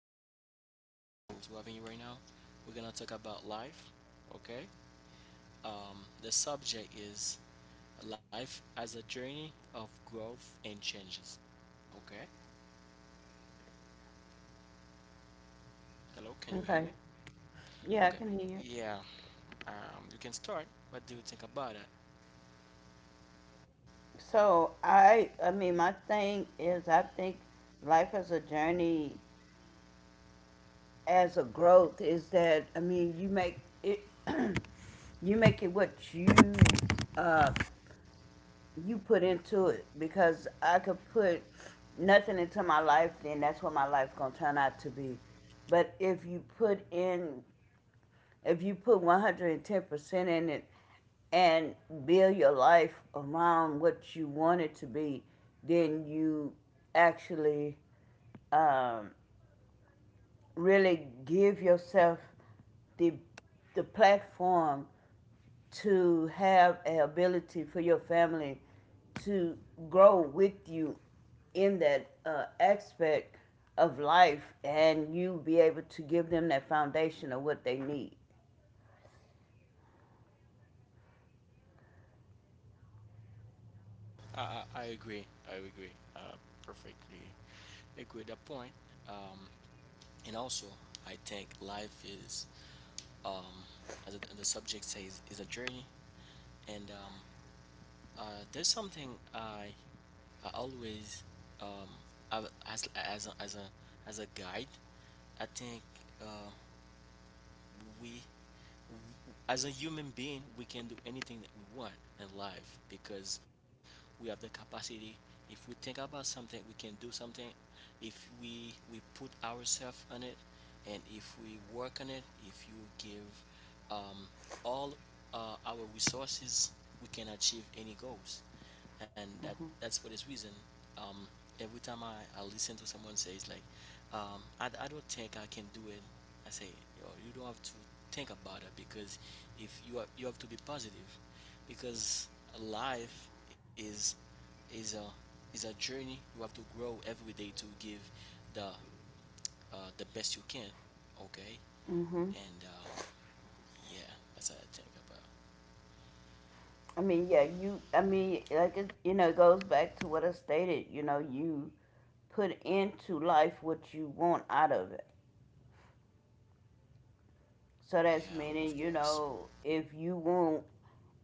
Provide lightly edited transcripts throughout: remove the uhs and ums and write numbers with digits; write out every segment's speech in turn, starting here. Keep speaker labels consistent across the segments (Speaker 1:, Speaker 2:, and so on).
Speaker 1: it's a pleasure to having you right now. We're gonna talk about life. Okay. The subject is life as a journey of growth and changes. Okay. Hello, can you
Speaker 2: Okay.
Speaker 1: hear me?
Speaker 2: Yeah, I can
Speaker 1: Okay.
Speaker 2: hear you.
Speaker 1: Yeah. You can start. What do you think about it?
Speaker 2: So I mean, my thing is, I think life as a journey, as a growth, is that I mean, you make it, you make it what you, uh, you put into it. Because I could put nothing into my life, then that's what my life gonna turn out to be. But if you put 110% in it and build your life around what you want it to be, then you actually um, really give yourself the, the platform to have an ability for your family to grow with you in that aspect of life and you be able to give them that foundation of what they need.
Speaker 1: I agree. I agree. Perfectly agree with that point. Um, and also, I think life is, um, as the subject says, is a journey. And there's something I always, um, have as as a guide. I think, uh, we as a human being, we can do anything that we want in life because we have the capacity. If we think about something, we can do something. If we put ourselves on it, and if we work on it, if you give, um, all our resources, we can achieve any goals and that's for this reason. Um, every time I listen to someone says like, I don't think I can do it. I say, yo, you don't have to think about it because if you are, you have to be positive, because life is is a is a journey. You have to grow every day to give the, the best you can. Okay,
Speaker 2: Mm-hmm.
Speaker 1: and yeah, that's how I think about.
Speaker 2: I mean, yeah, you, I mean, like, it, you know, It goes back to what I stated. You know, you put into life what you want out of it. So that's
Speaker 1: Yeah,
Speaker 2: meaning,
Speaker 1: of
Speaker 2: you
Speaker 1: course.
Speaker 2: know, if you want,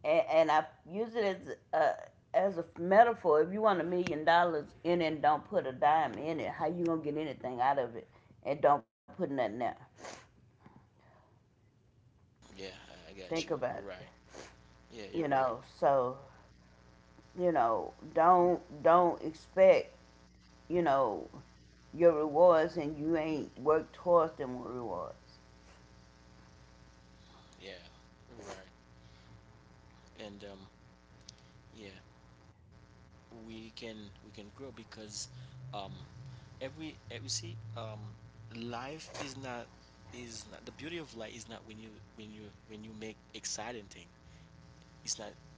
Speaker 2: and I use it as as a metaphor, if you want $1 million in it and don't put a dime in it, how you gonna get anything out of it and don't put nothing out?
Speaker 1: Yeah, I
Speaker 2: Think
Speaker 1: got you.
Speaker 2: about
Speaker 1: You're
Speaker 2: it,
Speaker 1: right. Yeah,
Speaker 2: you
Speaker 1: you're
Speaker 2: know,
Speaker 1: right.
Speaker 2: so, you know, don't expect, you know, your rewards and you ain't work towards them rewards.
Speaker 1: Yeah, right. And yeah, we can we can grow because, um, every you see, life is not the beauty of life is not when you when you when you make exciting thing. It's not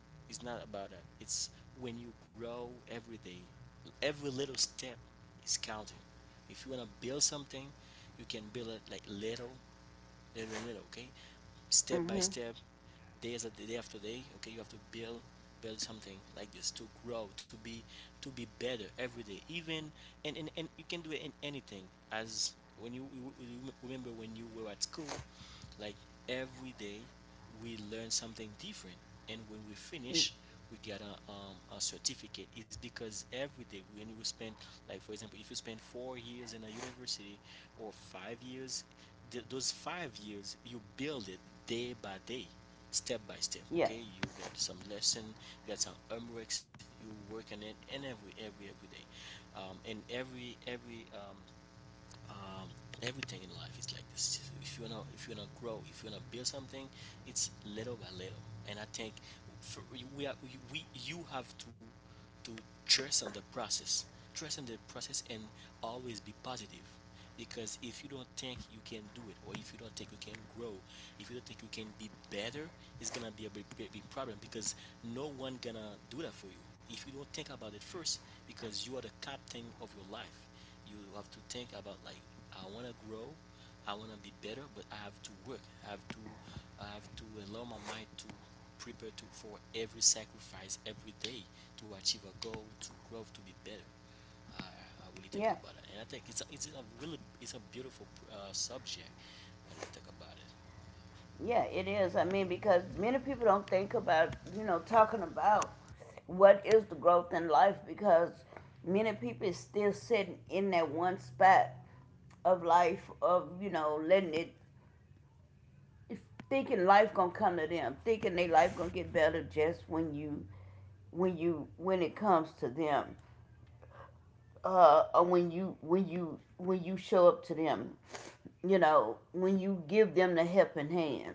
Speaker 1: about that. It's when you grow every day. Every little step is counting. If you wanna build something, you can build it like little, little, little. Okay, step
Speaker 2: hmm
Speaker 1: by step, days at the day after day. Okay, you have to build something like this to grow to be better every day even. And you can do it in anything, as when you you remember when you were at school, like every day we learn something different, and when we finish we get a certificate. It's because every day when you spend, like for example if you spend 4 years in a university or 5 years, those 5 years you build it day by day, step by step.
Speaker 2: Yeah,
Speaker 1: Okay, you get some lesson, you get some homeworks, you work on it, and every every day. And every um, everything in life is like this. If you wanna, if you wanna grow, if you wanna build something, it's little by little. And I think for, we are we you have to trust on the process, trust in the process, and always be positive. Because if you don't think you can do it, or if you don't think you can grow, if you don't think you can be better, it's gonna be a big, big, big problem because no one gonna do that for you if you don't think about it first, because you are the captain of your life. You have to think about like, I want to grow, I want to be better, but I have to work. I have to allow my mind to prepare to for every sacrifice every day to achieve a goal, to grow, to be better. I, I really
Speaker 2: yeah,
Speaker 1: think about it, and I think it's a really, it's a beautiful, subject when you think about it.
Speaker 2: yeah, it is. I mean, because many people don't think about, you know, talking about what is the growth in life, because many people is still sitting in that one spot of life of, you know, letting it, thinking life gonna come to them, thinking they life gonna get better just when you, when it comes to them. When you when you show up to them, you know, when you give them the helping hand.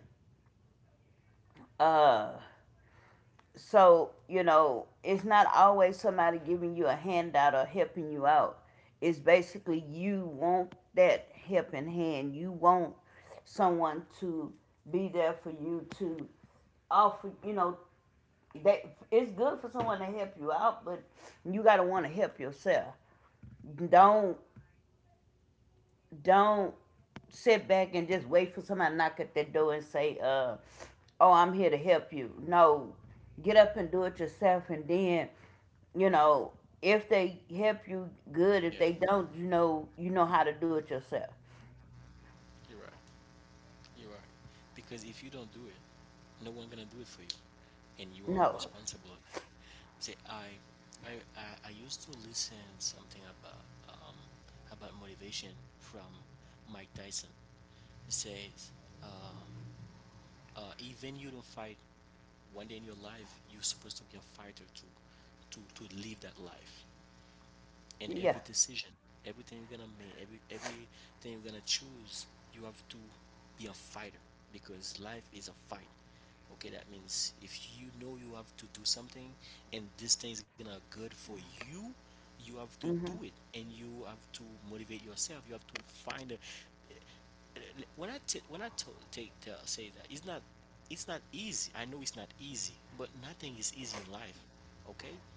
Speaker 2: Uh, so you know, it's not always somebody giving you a handout or helping you out. It's basically you want that helping hand. You want someone to be there for you to offer. You know, that it's good for someone to help you out, but you gotta want to help yourself. Don't Don't sit back and just wait for somebody to knock at the door and say, oh, I'm here to help you. No, get up and do it yourself. And then, you know, if they help you,
Speaker 1: Yeah,
Speaker 2: good. If they don't, you know how to do it yourself.
Speaker 1: you're right. You are. Because if you don't do it, no one gonna do it for you. And you are
Speaker 2: No,
Speaker 1: responsible. Say I used to listen something about, um about motivation from Mike Tyson. He says, uh, even you don't fight one day in your life, you're supposed to be a fighter to live that life in
Speaker 2: yeah.
Speaker 1: every decision, everything you're gonna make, everything you're gonna choose, you have to be a fighter because life is a fight. Okay, that means if you know you have to do something and this thing is gonna good for you, you have to do it and you have to motivate yourself. You have to find a, when when take to say that it's not easy. I know it's not easy, but nothing is easy in life. Okay,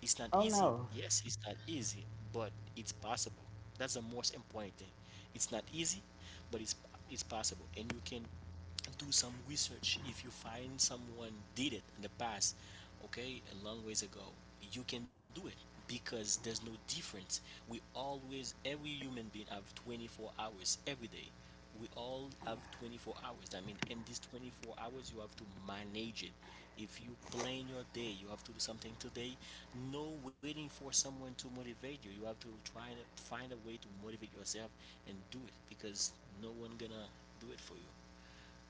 Speaker 1: it's not
Speaker 2: Oh
Speaker 1: easy.
Speaker 2: no.
Speaker 1: Yes, it's not easy, but it's possible. That's the most important thing. It's not easy, but it's possible, and you can do some research. If you find someone did it in the past, okay, a long ways ago, you can do it because there's no difference. We always, every human being have 24 hours every day. We all have 24 hours. I mean, in these 24 hours you have to manage it. If you plan your day, you have to do something today, no waiting for someone to motivate you. You have to try to find a way to motivate yourself and do it, because no one gonna do it for you.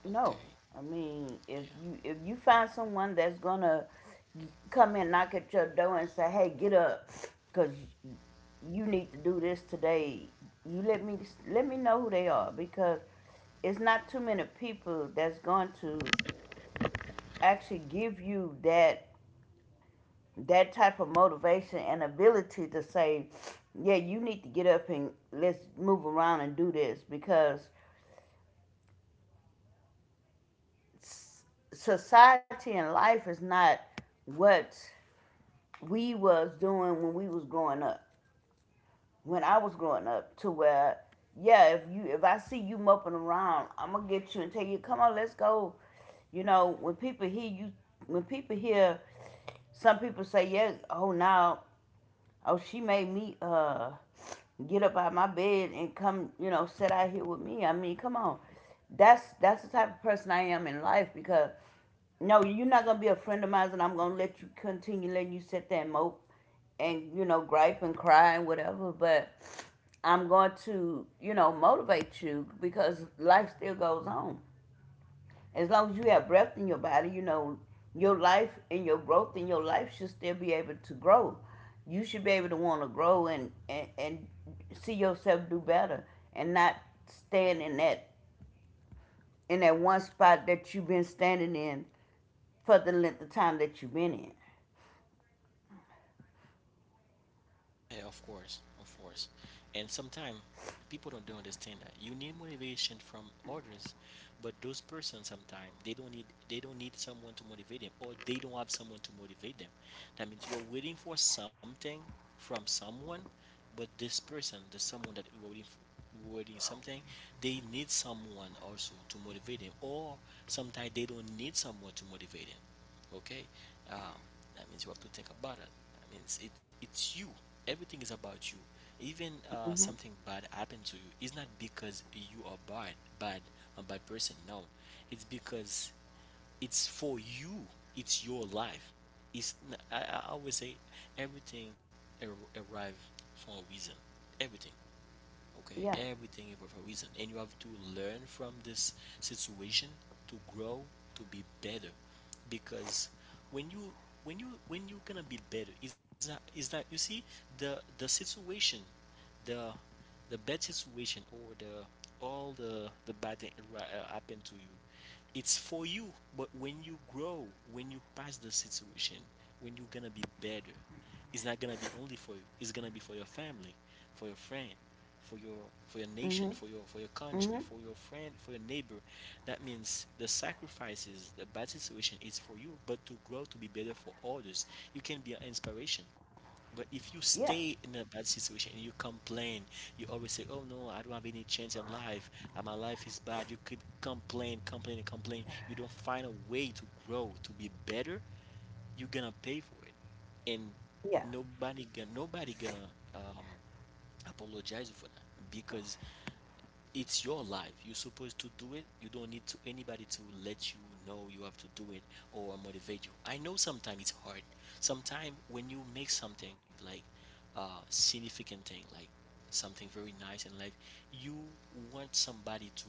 Speaker 2: No,
Speaker 1: Okay.
Speaker 2: I mean, if you find someone that's gonna come and knock at your door and say, "Hey, get up," because you need to do this today, you let me know who they are, because it's not too many people that's going to actually give you that type of motivation and ability to say, "Yeah, you need to get up and let's move around and do this," because s- society and life is not what we was doing when we was growing up, when I was growing up, to where, yeah, if I see you moping around, I'm gonna get you and tell you, come on, let's go. You know, when people hear you, when people hear, some people say, yeah, oh now oh, she made me get up out of my bed and come, you know, sit out here with me. I mean, come on. That's the type of person I am in life, because no, you're not gonna be a friend of mine and I'm gonna let you continue letting you sit there and mope and, you know, gripe and cry and whatever, but I'm going to, you know, motivate you because life still goes on. As long as you have breath in your body, you know, your life and your growth in your life should still be able to grow. You should be able to want to grow and, see yourself do better and not stand in that one spot that you've been standing in for the length of time that you've been in.
Speaker 1: Yeah. Yeah, of course. Of course. And sometimes people don't understand that. You need motivation from others, but those persons sometimes they don't need someone to motivate them, or they don't have someone to motivate them. That means you're waiting for something from someone, but this person, the someone that you were waiting for wording something, they need someone also to motivate them, or sometimes they don't need someone to motivate them. Okay. um, that means you have to think about it. That means it's you, everything is about you. Even, something bad happened to you, it's not because you are bad bad a bad person, no. It's because it's for you, it's your life. I always say everything ar- arrive for a reason, everything.
Speaker 2: Yeah,
Speaker 1: Okay, everything is for a reason, and you have to learn from this situation to grow, to be better. Because when you, when you're gonna be better is that you see the situation, the the bad situation, or the, all the bad thing that happen to you, it's for you. But when you grow, when you pass the situation, when you're gonna be better, it's not gonna be only for you. It's gonna be for your family, for your friend, for your, for your nation, for your, for your country, for your friend, for your neighbor. That means the sacrifices, the bad situation is for you, but to grow to be better for others. You can be an inspiration. But if you
Speaker 2: yeah,
Speaker 1: stay in a bad situation and you complain, you always say, "Oh no, I don't have any chance in life. My life is bad." You keep complain, complain, and complain. You don't find a way to grow, to be better. You're gonna pay for it, and
Speaker 2: yeah,
Speaker 1: nobody gonna, um, apologize you for that, because it's your life. You're supposed to do it. You don't need to anybody to let you know you have to do it or motivate you. I know sometimes it's hard. Sometimes when you make something like, significant thing, like something very nice in life, you want somebody to,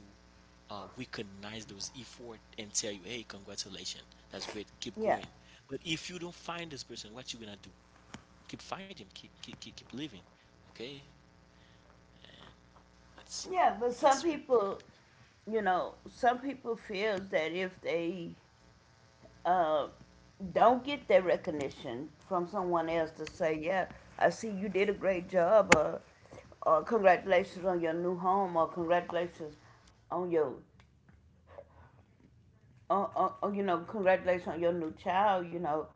Speaker 1: recognize those effort and tell you, hey, congratulations, that's great, keep
Speaker 2: yeah,
Speaker 1: going. But if you don't find this person, what you gonna do? Keep fighting, keep living. Okay, and that's
Speaker 2: yeah. But
Speaker 1: that's
Speaker 2: some
Speaker 1: very important.
Speaker 2: people, you know, some people feels that if they uh, don't get that recognition from someone else to say, yeah, I see you did a great job, or congratulations on your new home, or congratulations on you know, congratulations on your new child. You know,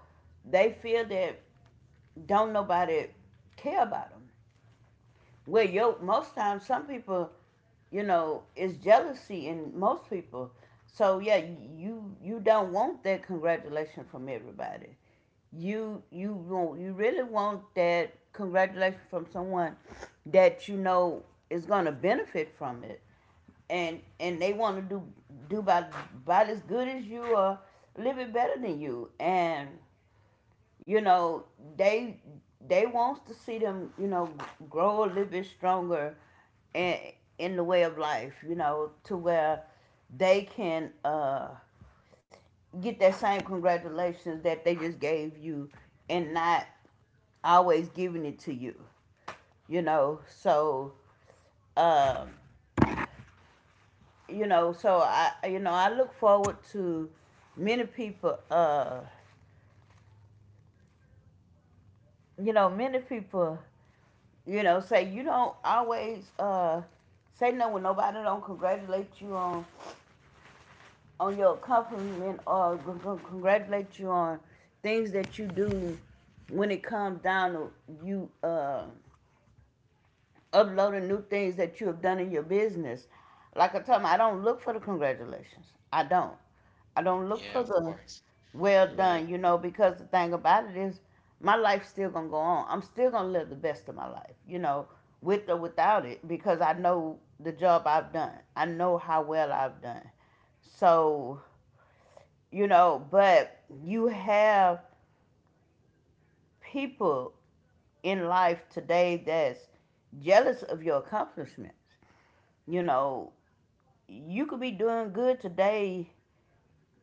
Speaker 2: they feel that don't nobody care about them. Well, yo, most times some people, you know, it's jealousy in most people. So yeah, you don't want that congratulation from everybody. You want you really want that congratulation from someone that you know is gonna benefit from it, and they want to do about as good as you or a little bit better than you, and you know, they wants to see them, you know, grow a little bit stronger in the way of life, you know, to where they can get that same congratulations that they just gave you and not always giving it to you, you know. So um you know, so I you know, I look forward to many people. You know, many people, you know, say you don't always, say no when nobody don't congratulate you on your accomplishment, or congratulate you on things that you do when it comes down to you uploading new things that you have done in your business. Like I told them, I don't look for the congratulations. I don't. I don't look for
Speaker 1: Yeah, of
Speaker 2: the
Speaker 1: course.
Speaker 2: well
Speaker 1: You're
Speaker 2: done, you
Speaker 1: right.
Speaker 2: know, because the thing about it is my life's still gonna go on. I'm still gonna live the best of my life, you know, with or without it, because I know the job I've done. I know how well I've done. So, you know, but you have people in life today that's jealous of your accomplishments. You know, you could be doing good today,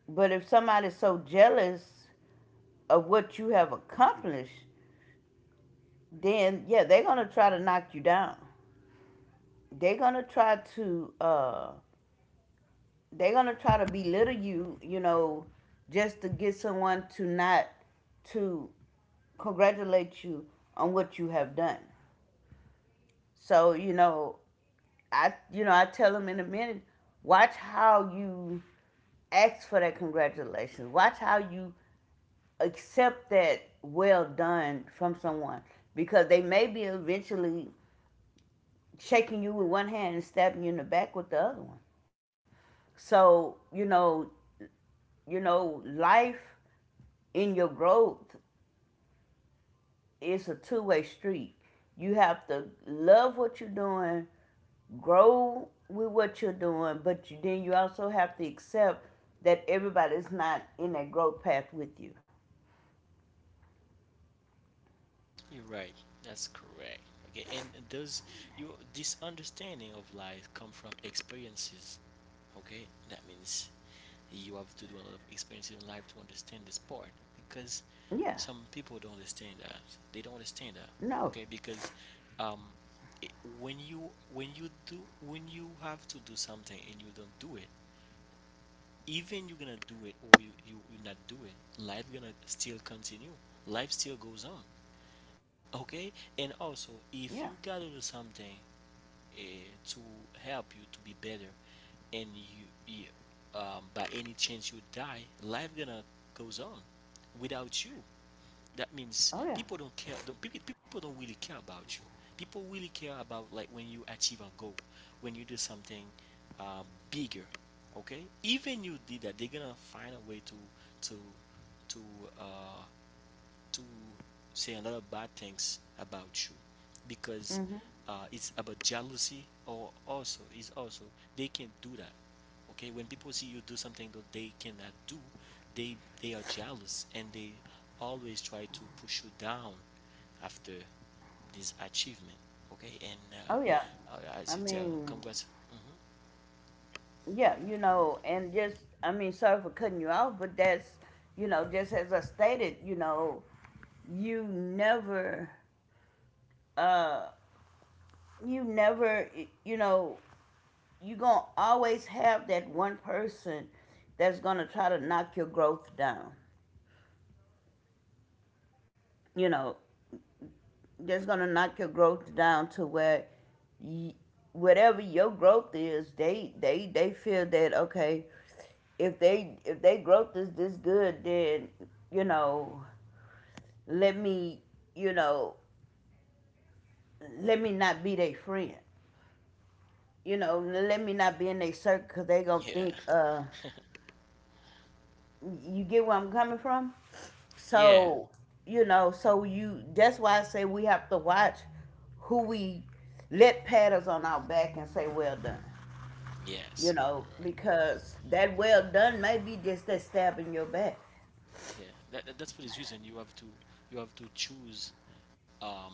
Speaker 2: but if somebody's so jealous of what you have accomplished, then yeah, they're gonna try to knock you down. They're gonna try to, belittle you. You know, just to get someone to not to congratulate you on what you have done. So you know, I you know, I tell them in a minute, watch how you ask for that congratulations. Watch how you accept that well done from someone, because they may be eventually shaking you with one hand and stabbing you in the back with the other one. So you know, life in your growth is a two-way street. You have to love what you're doing, grow with what you're doing, but you, then you also have to accept that everybody's not in that growth path with you.
Speaker 1: You're right. That's correct. Okay, and those, you this understanding of life come from experiences. Okay, that means you have to do a lot of experiences in life to understand this part, because some
Speaker 2: Yeah.
Speaker 1: people don't understand that. They don't understand that. Okay,
Speaker 2: No.
Speaker 1: because, um, it, when you, when you do when you have to do something and you don't do it, even you're gonna do it or you not do it, life gonna still continue, life still goes on. Okay, and also if you
Speaker 2: Yeah.
Speaker 1: gotta do something, uh, to help you to be better, and you, by any chance you die, life gonna goes on without you. That means
Speaker 2: Oh yeah.
Speaker 1: people don't care, don't, people don't really care about you. People really care about like when you achieve a goal, when you do something, uh, bigger. Okay, even you did that, they're gonna find a way to to to uh, to say a lot of bad things about you, because,
Speaker 2: Mhm.
Speaker 1: it's about jealousy, or also is also they can do that. Okay, when people see you do something that they cannot do, they they are jealous, and they always try to push you down after this achievement. Okay, and
Speaker 2: Oh yeah. I
Speaker 1: as you tell,
Speaker 2: mean,
Speaker 1: congrats. Hmm.
Speaker 2: yeah, you know, and just I mean, sorry for cutting you off, but that's, you know, just as I stated, you know, you never uh you never, you know, you're gonna always have that one person that's gonna try to knock your growth down, you know, just gonna knock your growth down to where y whatever your growth is, they feel that okay, if they growth is this good, then you know, let me you know, let me not be their friend. You know, let me not be in their circle because they gonna
Speaker 1: Yeah,
Speaker 2: think uh, you get where I'm coming from?
Speaker 1: yeah,
Speaker 2: So, you know, so you that's why I say we have to watch who we let pat us on our back and say well done. You
Speaker 1: yes,
Speaker 2: know, because that well done may be just that stab in your back.
Speaker 1: yeah. That's for this reason you have to choose um,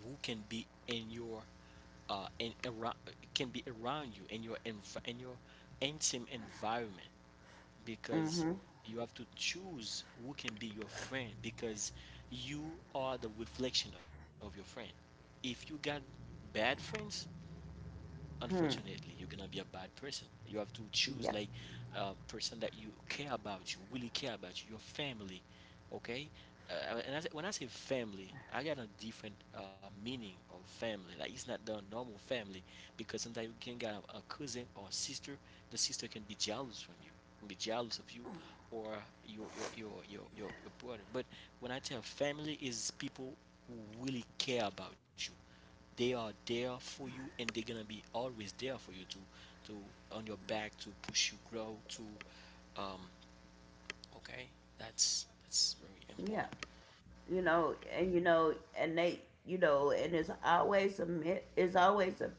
Speaker 1: who can be in your in around can be around you in your intimate environment because you have to choose who can be your friend because you are the reflection of your friend. If you got bad friends, unfortunately you cannot be a bad person. You have to choose
Speaker 2: Yeah.
Speaker 1: like a person that you care about. You really care about you, your family. Okay. When I say family, I got a different meaning of family, like it's not the normal family, because sometimes you can get a cousin or sister. The sister can be jealous from you can be jealous of you, or your brother but when I tell family is people who really care about you. They are there for you, and they're gonna be always there for you to to on your back to push you grow to um okay. That's very
Speaker 2: Yeah.
Speaker 1: important.
Speaker 2: You know, and they you know, and it's always a myth, it's always a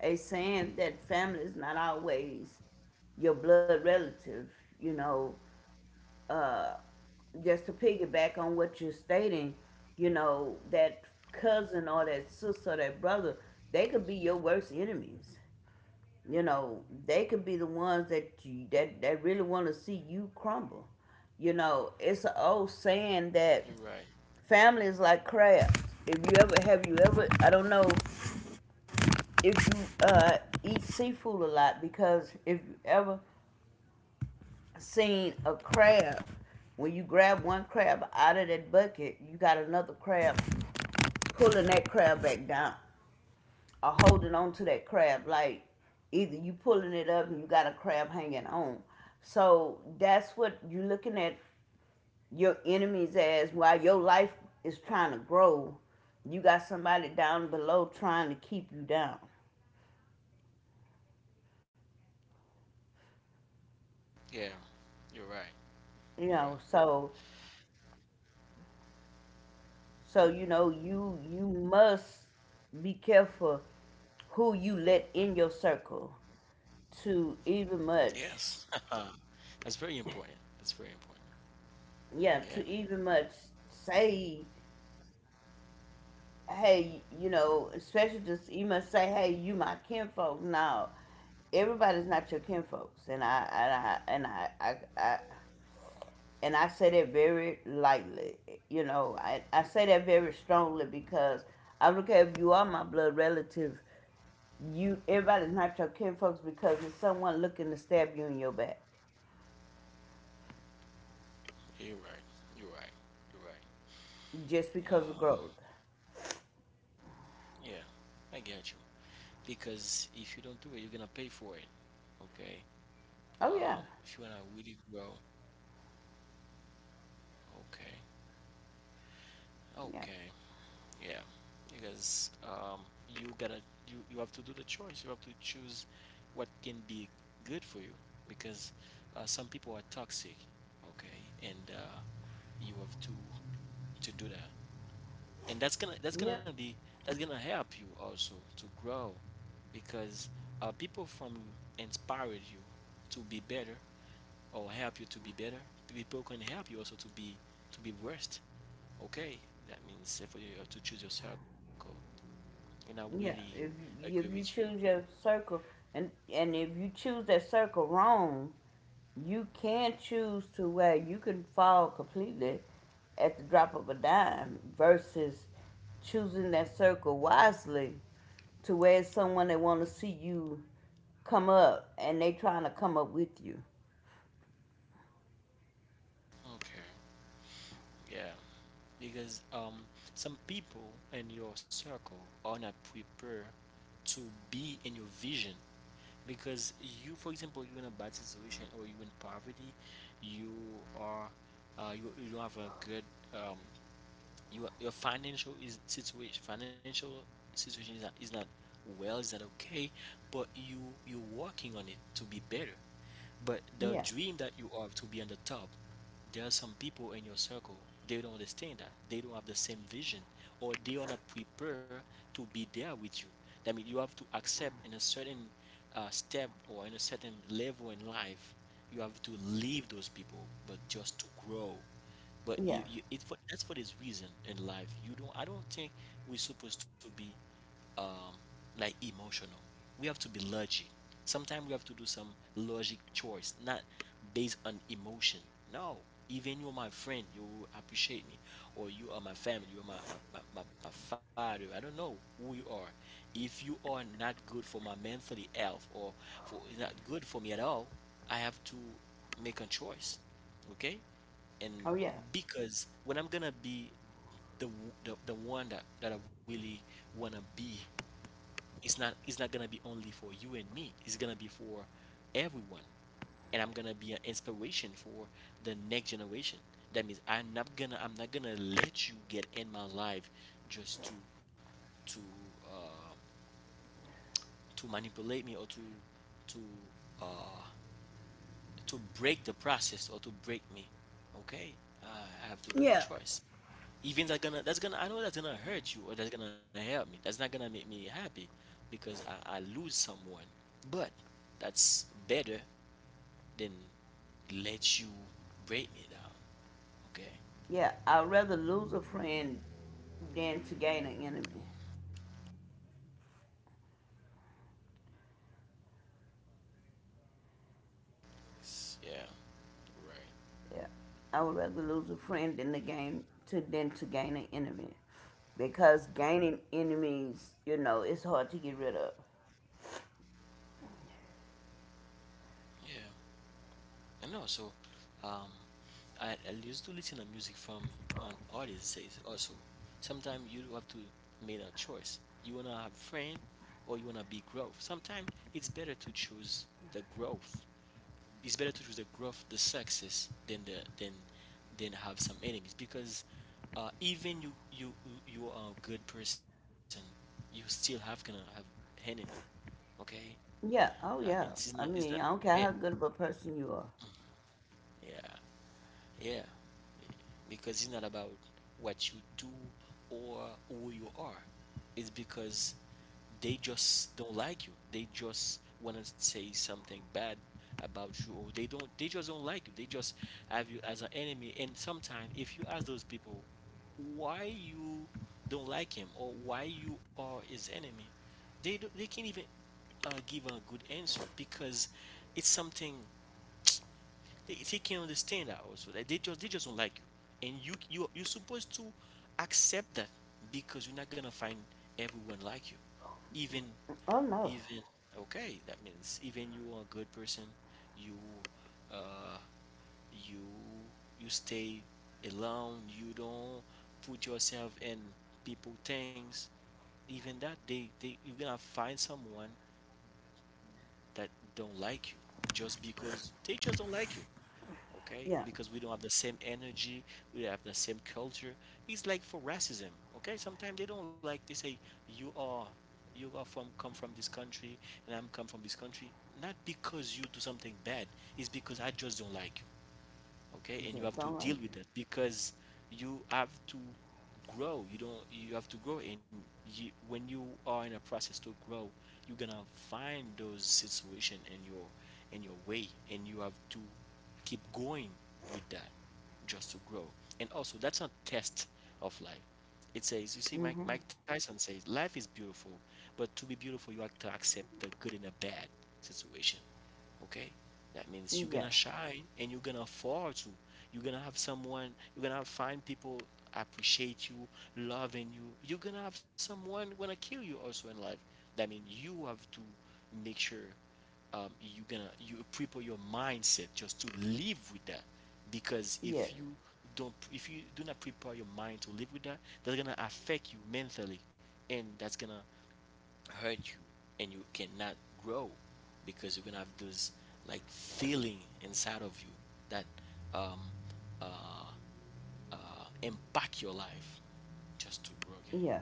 Speaker 2: saying that family is not always your blood relative, you know. Uh just to piggyback on what you're stating, you know, that cousin or that sister or that brother, they could be your worst enemies. You know, they could be the ones that that that really want to see you crumble. You know, it's an old saying that
Speaker 1: You're right.
Speaker 2: family is like crabs. If you ever I don't know if you, eat seafood a lot, because if you ever seen a crab, when you grab one crab out of that bucket, you got another crab pulling that crab back down, or holding on to that crab like either you pulling it up and you got a crab hanging on. So that's what you're looking at: your enemies, as while your life is trying to grow, you got somebody down below trying to keep you down.
Speaker 1: Yeah, you're right. You're right.
Speaker 2: You know, so you know, you must be careful who you let in your circle, to even
Speaker 1: Yes.
Speaker 2: much,
Speaker 1: That's very important. That's very important. Yeah.
Speaker 2: yeah, to even much say, hey, you know, especially just you must say, hey, you my kinfolk. No, everybody's not your kinfolks, I and I say that very lightly. You know, I say that very strongly because I don't care if you are my blood relative. You everybody's not your kinfolks because it's someone looking to stab you in your back
Speaker 1: You're right. You're right. You're right.
Speaker 2: just because of
Speaker 1: Yeah.
Speaker 2: growth.
Speaker 1: Yeah, I get you, because if you don't do it, you're gonna pay for it. Okay. uh if
Speaker 2: Oh
Speaker 1: you wanna
Speaker 2: yeah,
Speaker 1: really grow. Okay. Okay.
Speaker 2: yeah,
Speaker 1: Yeah, because you gotta you have to do the choice. You have to choose what can be good for you, because some people are toxic, okay, and you have to do that, and
Speaker 2: yeah.
Speaker 1: that's gonna help you also to grow, because people from inspired you to be better or help you to be better. People can help you also to be worst. Okay, that means if you have to choose your circle, and I really
Speaker 2: Yeah, if
Speaker 1: agree
Speaker 2: you,
Speaker 1: with
Speaker 2: if
Speaker 1: you.
Speaker 2: you choose your circle and if you choose that circle wrong, you can choose to where you can fall completely at the drop of a dime versus choosing that circle wisely to where it's someone that want to see you come up and they trying to come up with you.
Speaker 1: Okay. Yeah, because some people in your circle are not prepared to be in your vision. Because you, for example, you're in a bad situation or you're in poverty, you are you don't have a good um, your financial is situation is not well, is not okay, but you you're working on it to be better. But the
Speaker 2: Yeah,
Speaker 1: dream that you are to be on the top. There are some people in your circle, they don't understand that. They don't have the same vision, or they are not prepared to be there with you. That means you have to accept in a certain step or in a certain level in life, you have to leave those people, but just to grow. But
Speaker 2: yeah,
Speaker 1: you it's for, that's for this reason in life. You don't. I don't think we're supposed to be um, like emotional. We have to be logic. Sometimes we have to do some logic choice, not based on emotion. No, even you're my friend, you appreciate me, or you are my family, you are my, my father. I don't know who you are. If you are not good for my mentally health or for not good for me at all, I have to make a choice. Okay. And
Speaker 2: oh yeah,
Speaker 1: because when I'm gonna be the the one that, that I really wanna be, it's not gonna be only for you and me. It's gonna be for everyone. And I'm gonna be an inspiration for the next generation. That means I'm not gonna let you get in my life just to to uh, to manipulate me or to to uh, to break the process or to break me. Okay. uh, I have to do a
Speaker 2: yeah,
Speaker 1: choice. Even that gonna that's gonna I know that's gonna hurt you or that's gonna help me, that's not gonna make me happy because I lose someone. But that's better than let you break me down. Okay.
Speaker 2: yeah. I'd rather lose a friend than to gain an enemy.
Speaker 1: It's- yeah. Right.
Speaker 2: Yeah, I would rather lose a friend than to gain an enemy, because gaining enemies, you know, it's hard to get rid of.
Speaker 1: Yeah. I know. So um, I used to listen to music from on artists says also. Sometimes you have to make a choice. You wanna have friend, or you wanna be growth. Sometimes it's better to choose the growth. It's better to choose the growth, the success, than the than have some enemies, because even you you are a good person, you still have gonna have enemy. Okay.
Speaker 2: Yeah.
Speaker 1: I mean,
Speaker 2: Oh yeah.
Speaker 1: it's not
Speaker 2: I mean, I
Speaker 1: it,
Speaker 2: don't care how good of a person you are.
Speaker 1: yeah. Yeah, because it's not about what you do or who you are. It's because they just don't like you. They just wanna say something bad about you, or they don't. They just don't like you. They just have you as an enemy. And sometimes, if you ask those people why you don't like him or why you are his enemy, they do, they can't even give a good answer, because it's something they can understand that also. That they just don't like you, and you you're supposed to accept that, because you're not gonna find everyone like you. Even
Speaker 2: Oh no.
Speaker 1: even Okay, that means even you are a good person, you uh you you stay alone, you don't put yourself in people things, even that they you're gonna find someone that don't like you, just because they just don't like you. Okay?
Speaker 2: Yeah.
Speaker 1: Because we don't have the same energy, we don't have the same culture. It's like for racism, okay? Sometimes they don't like, they say you are from come from this country, and I'm come from this country. Not because you do something bad, it's because I just don't like. Okay, and you
Speaker 2: Just
Speaker 1: have to
Speaker 2: don't like
Speaker 1: deal with it, because you have to grow you don't you have to grow, and you, when you are in a process to grow, you're gonna find those situation in your way, and you have to keep going with that, just to grow. And also that's not test of life. It says, you see,
Speaker 2: you. Mm-hmm.
Speaker 1: Mike Tyson says life is beautiful, but to be beautiful you have to accept the good and the bad situation. Okay, that means you're
Speaker 2: Yeah.
Speaker 1: gonna shine and you're gonna afford to you're gonna have someone you're gonna find people appreciate you, loving you. You're gonna have someone gonna kill you also in life. That means you have to make sure you're gonna you prepare your mindset just to live with that, because if
Speaker 2: Yes.
Speaker 1: you don't, if you do not prepare your mind to live with that, that's gonna affect you mentally, and that's gonna hurt you, and you cannot grow, because you're gonna have those like feeling inside of you that um uh, uh impact your life just to grow again.
Speaker 2: Yeah.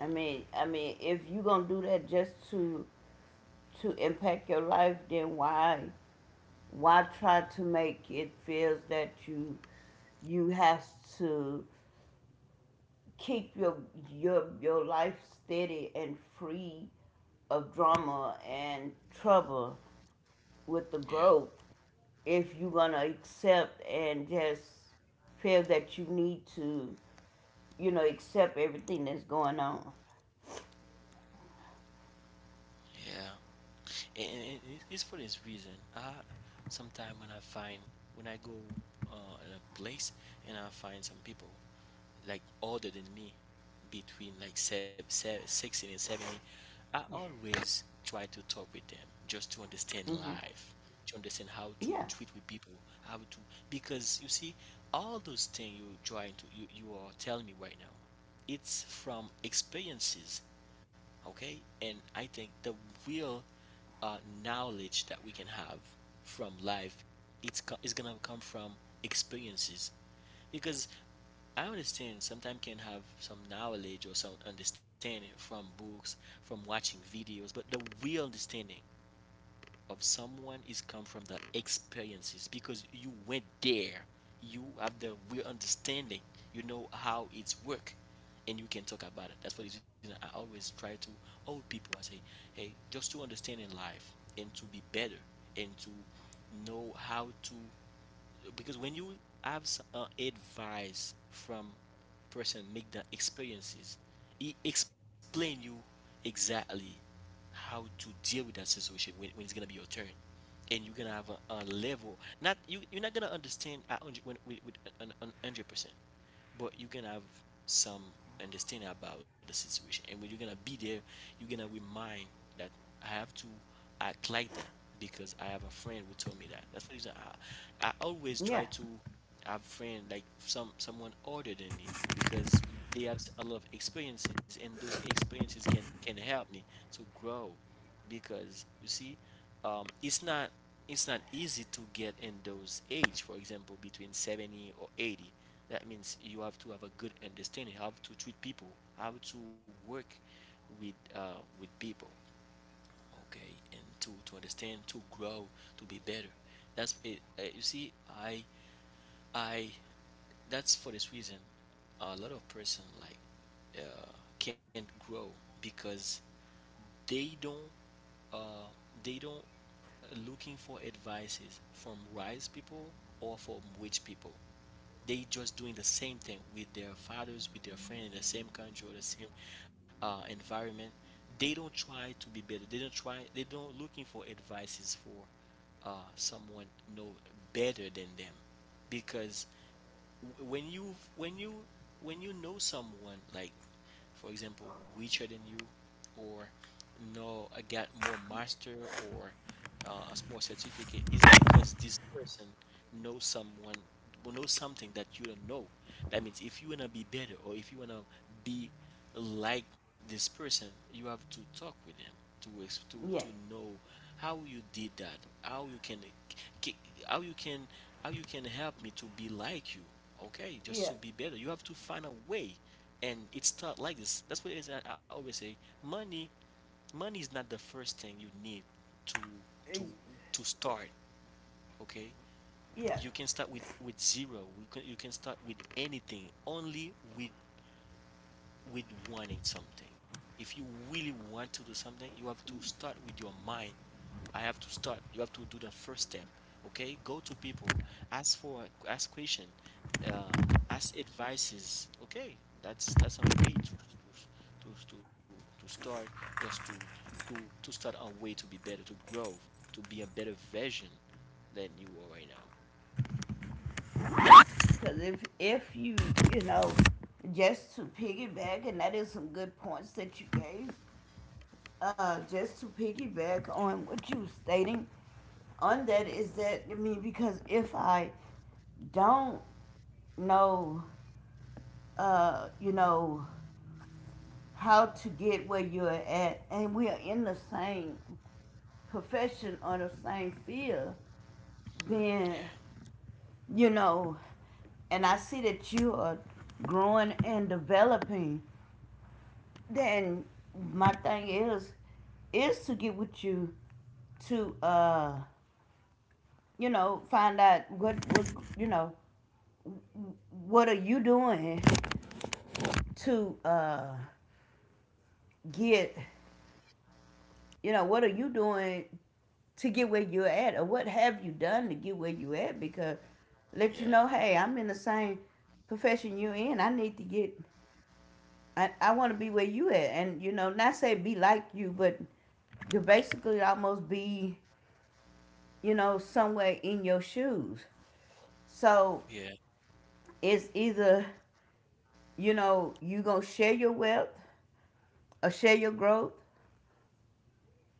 Speaker 2: I mean, if you gonna do that just to impact your life, then why try to make it feels that you have to keep your life steady and free of drama and trouble with the
Speaker 1: Yeah.
Speaker 2: growth if you're gonna accept and just feel that you need to, you know, accept everything that's going on.
Speaker 1: yeah yeah and, it's for this reason I sometimes when I find when I go uh, in a place and I find some people like older than me, between like 16 and 70, I always try to talk with them just to understand
Speaker 2: Hmm.
Speaker 1: life, to understand how to
Speaker 2: Yeah,
Speaker 1: treat with people, how to, because you see all those things you trying to you are telling me right now, it's from experiences. Okay, and I think the real uh, knowledge that we can have from life, it's gonna come from experiences, because I understand sometimes can have some knowledge or some understanding from books, from watching videos, but the real understanding of someone is come from the experiences, because you went there. You have the real understanding. You know how it's work, and you can talk about it. That's for the reason I always try to old people I say, hey, just to understand in life, and to be better, and to know how to, because when you have advice from person make the experiences, he explain you exactly how to deal with that situation when it's gonna be your turn, and you're gonna have a level. Not you're not gonna understand 100 when with an, 100%, but you can have some understanding about the situation, and when you're gonna be there, you're gonna remind that I have to act like that, because I have a friend who told me that. That's what I always
Speaker 2: yeah,
Speaker 1: try to have friend like someone older than me, because they have a lot of experiences, and those experiences can help me to grow. Because you see, um, it's not it's not easy to get in those age, for example, between 70 or 80. That means you have to have a good understanding how to treat people, how to work with uh, with people, okay, and to understand, to grow, to be better. That's it. You see, I that's for this reason, a lot of person like uh, can't grow because they don't uh, they don't looking for advices from wise people or from rich people. They just doing the same thing with their fathers, with their friend in the same country or the same environment. They don't try to be better. They don't try. They don't looking for advices for someone know better than them, because when you when you know someone like for example, richer than you, or no, I got more master or a small certificate, is because this person knows someone, will know something that you don't know. That means if you wanna be better or if you wanna be like this person, you have to talk with them to ex- to
Speaker 2: yeah,
Speaker 1: know how you did that, how you can, ca- how you can, how you can help me to be like you. Okay, just to be
Speaker 2: yeah,
Speaker 1: better, you have to find a way, and it's not like this. That's what it is. I always say money, money is not the first thing you need to to
Speaker 2: eh,
Speaker 1: to start. Okay, you
Speaker 2: yeah.
Speaker 1: can start with zero. You can, you can start with anything, only with wanting something. If you really want to do something, you have to start with your mind. I have to start. You have to do the first step. Okay, go to people, ask for, ask question, uh, ask advices. Okay, that's a way to to to, to start. Just to to to start a way to be better, to grow, to be a better version than you are right now.
Speaker 2: Because if you you know, just to piggyback, and that is some good points that you gave. Just to piggyback on what you were stating on that is that I mean because if I don't know, you know how to get where you're at, and we are in the same profession or the same field, then
Speaker 1: Yeah,
Speaker 2: you know, and I see that you are growing and developing. Then my thing is to get with you to find out what you know, what are you doing to get what are you doing to get where you're at or what have you done to get where you are at because let
Speaker 1: yeah,
Speaker 2: you know, hey, I'm in the same profession you're in. I need to get I wanna be where you at and not say be like you, but to basically almost be, somewhere in your shoes. So
Speaker 1: yeah,
Speaker 2: it's either, you gonna share your wealth or share your growth,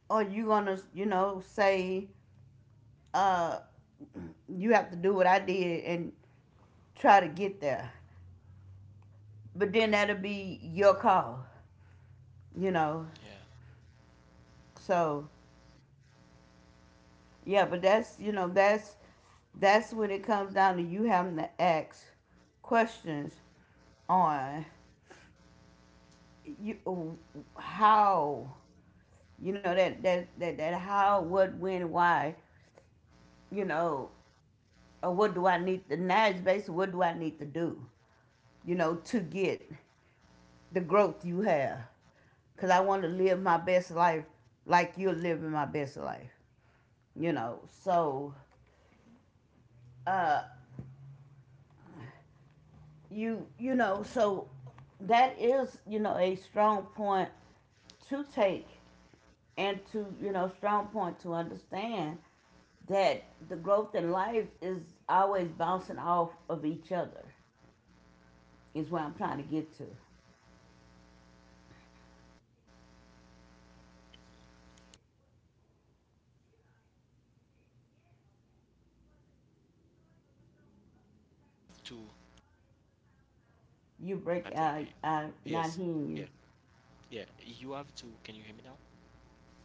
Speaker 2: or you gonna say uh, you have to do what I did and try to get there. But then that'll be your call, you know.
Speaker 1: yeah.
Speaker 2: So yeah, but that's that's when it comes down to you having to ask questions on you how that how what when why you know or what do I need to now it's basically what do I need to do to get the growth you have. Because I want to live my best life like you're living my best life. So, uh, you, so that is, a strong point to take and to, strong point to understand that the growth in life is always bouncing off of each other, is what I'm trying to get to.
Speaker 1: To
Speaker 2: You
Speaker 1: I
Speaker 2: break,
Speaker 1: think y-
Speaker 2: not
Speaker 1: yes,
Speaker 2: hearing
Speaker 1: yeah,
Speaker 2: you.
Speaker 1: yeah. You have to. Can you hear me now?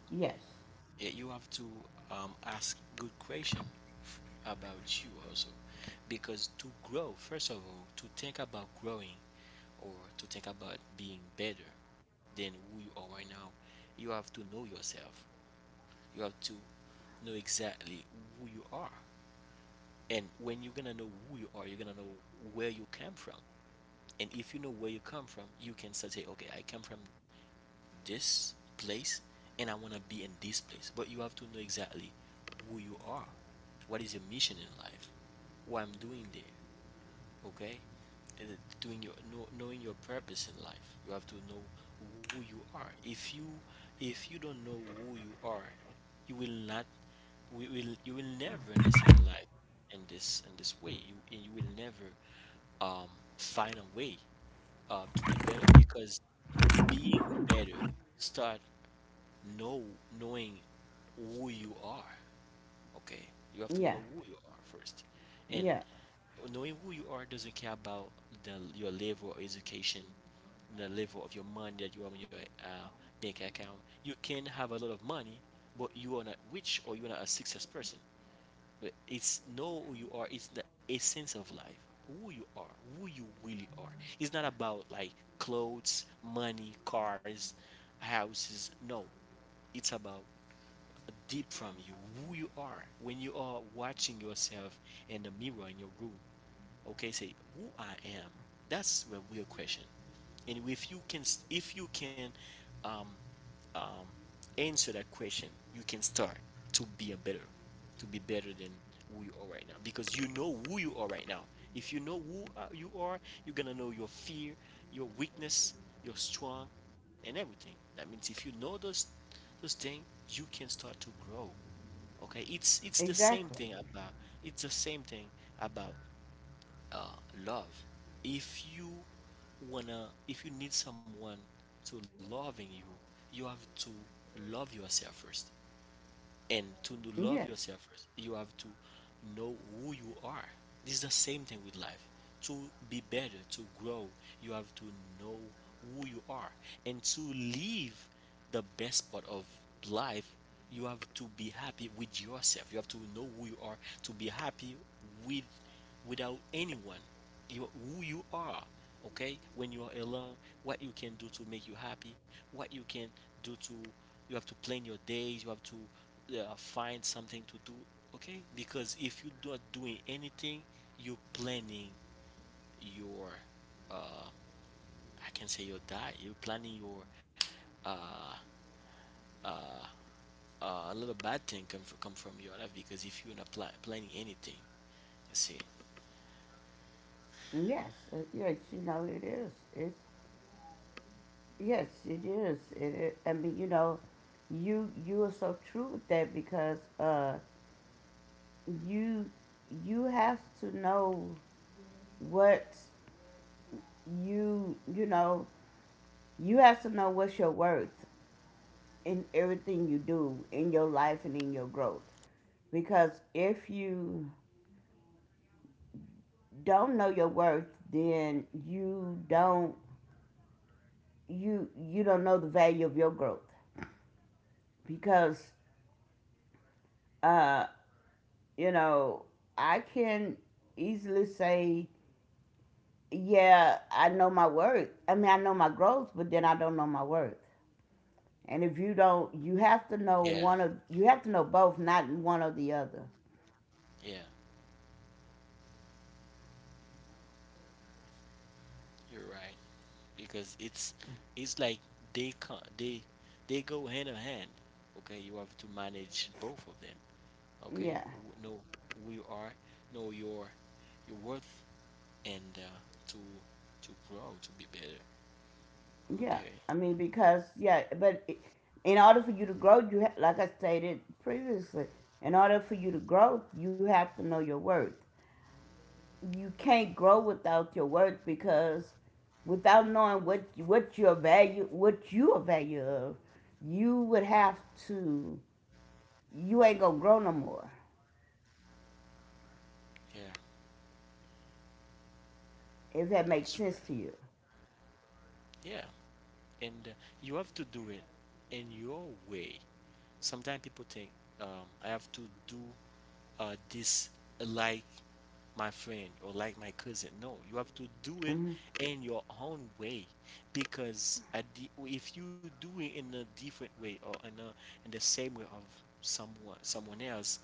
Speaker 2: Yes.
Speaker 1: Yeah, you have to ask good question f- about you also, because to grow, first of all, to think about growing or to think about being better than who you are right now, you have to know yourself. You have to know exactly who you are, and when you're gonna know who you are, you're gonna know where you came from. And if you know where you come from, you can start say, "Hey, okay, I come from this place and I want to be in this place." But you have to know exactly who you are, what is your mission in life, what I'm doing there, okay? And doing your know, knowing your purpose in life. You have to know who you are. If you don't know who you are, you will not, we will, you will never understand in life in this way. You, and you will never um find a way to be better, because being better start know, knowing who you are. Okay, you have to
Speaker 2: Yeah.
Speaker 1: know who you are first. And
Speaker 2: Yeah.
Speaker 1: knowing who you are doesn't care about the, your level of education, the level of your money that you have in your bank account. You can have a lot of money, but you are not rich or you are not a success person. But it's know who you are. It's the essence of life. Who you are, who you really are. It's not about like clothes, money, cars, houses. No, it's about deep from you, who you are when you are watching yourself in the mirror in your room. Okay, say who I am. That's a real question. And if you can um, um, answer that question, you can start to be a better, to be better than who you are right now, because you know who you are right now. If you know who you are, you're gonna know your fear, your weakness, your strong, and everything. That means if you know those things, you can start to grow. Okay, it's the same
Speaker 2: Exactly.
Speaker 1: thing about, it's the same thing about uh, love. If you wanna, if you need someone to loving you, you have to love yourself first. And to love
Speaker 2: Yes.
Speaker 1: yourself first, you have to know who you are. This is the same thing with life. To be better, to grow, you have to know who you are. And to live the best part of life, you have to be happy with yourself. You have to know who you are to be happy with, without anyone. You, who you are. Okay, when you are alone, what you can do to make you happy, what you can do to, you have to plan your days. You have to find something to do. Okay, because if you not doing anything, you planning your uh I can say your diet, you planning your uh uh a little bad thing come from your life, because if you're not planning anything, you see.
Speaker 2: Yes. Yes. You know it is. It's yes. It is. It. I mean, you are so true with that because you you have to know what you know you have to know what's your worth in everything you do in your life and in your growth because if you don't know your worth then you don't know the value of your growth because uh, you know I can easily say, yeah, I know my worth. I mean, I know my growth, but then I don't know my worth. And if you don't, you have to know
Speaker 1: Yeah,
Speaker 2: one of you have to know both, not one or the other.
Speaker 1: yeah, you're right, because it's like they can they go hand in hand. Okay, you have to manage both of them. Okay,
Speaker 2: Yeah,
Speaker 1: Know who you are, know your worth, and to to grow, to be better.
Speaker 2: yeah.
Speaker 1: Okay,
Speaker 2: I mean, because yeah, but in order for you to grow, like I stated previously, in order for you to grow, you have to know your worth. You can't grow without your worth because without knowing what your value what you are value of, you would have to you ain't gonna grow no more
Speaker 1: yeah, that's
Speaker 2: if
Speaker 1: right.
Speaker 2: that makes sense to you.
Speaker 1: Yeah, and you have to do it in your way. Sometimes people think I have to do this like my friend or like my cousin. No, you have to do it
Speaker 2: Hmm.
Speaker 1: in your own way, because at the, if you do it in a different way or in a in the same way of someone else,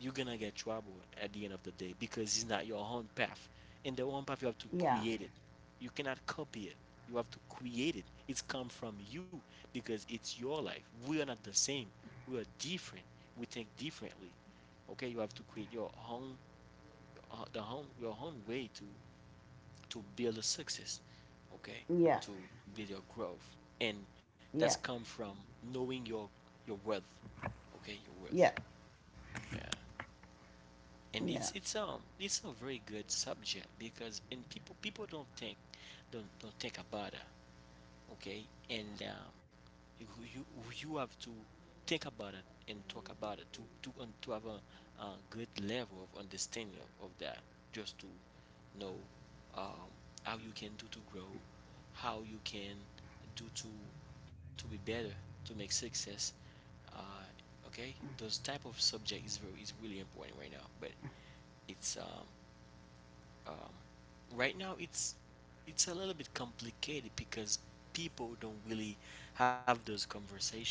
Speaker 1: you're gonna get trouble at the end of the day, because it's not your own path. In the own path, you have to
Speaker 2: Yeah,
Speaker 1: create it. You cannot copy it. You have to create it. It's come from you, because it's your life. We are not the same. We are different. We think differently. Okay, you have to create your own the home, your own way to build a success, okay?
Speaker 2: yeah,
Speaker 1: To build your growth, and that's
Speaker 2: yeah,
Speaker 1: come from knowing your worth, okay? Your worth,
Speaker 2: yeah,
Speaker 1: yeah. And it's
Speaker 2: yeah.
Speaker 1: it's um it's a very good subject, because and people don't think, don't think about it, okay? And you you you have to think about it and talk about it to to have a good level of understanding of that, just to know um, how you can do to grow, how you can do to be better, to make success. Uh, okay, those type of subject is very, is really important right now. But it's um, right now, it's a little bit complicated, because people don't really have those conversation.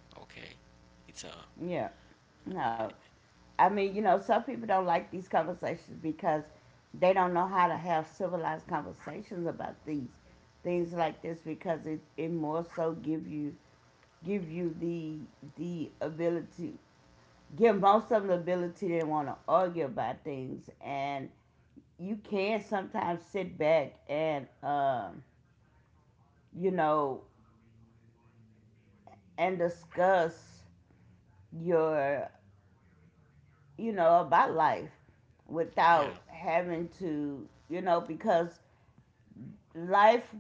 Speaker 1: Okay, it's
Speaker 2: Yeah. No. I mean, some people don't like these conversations because they don't know how to have civilized conversations about these things like this because it more so give you the the ability give most of them the ability to want to argue about things and you can sometimes sit back and you know and discuss your about life
Speaker 1: yeah,
Speaker 2: without having to, because life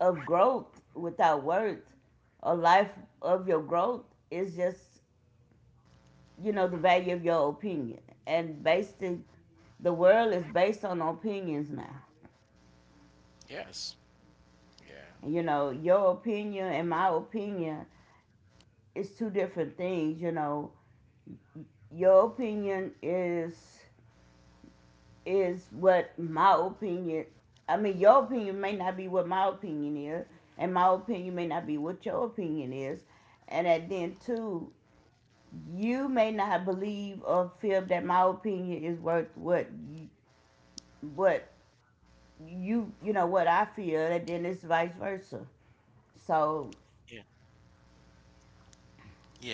Speaker 2: of growth without words or life of your growth is just, the value of your opinion. And basically, the world is based on opinions now.
Speaker 1: yes. Yeah.
Speaker 2: You know, your opinion and my opinion is two different things, you know. Your opinion is what my opinion. I mean, your opinion may not be what my opinion is, and my opinion may not be what your opinion is, and then too, you may not believe or feel that my opinion is worth what what you you know what I feel, and then it's vice versa. So
Speaker 1: Yeah, yeah.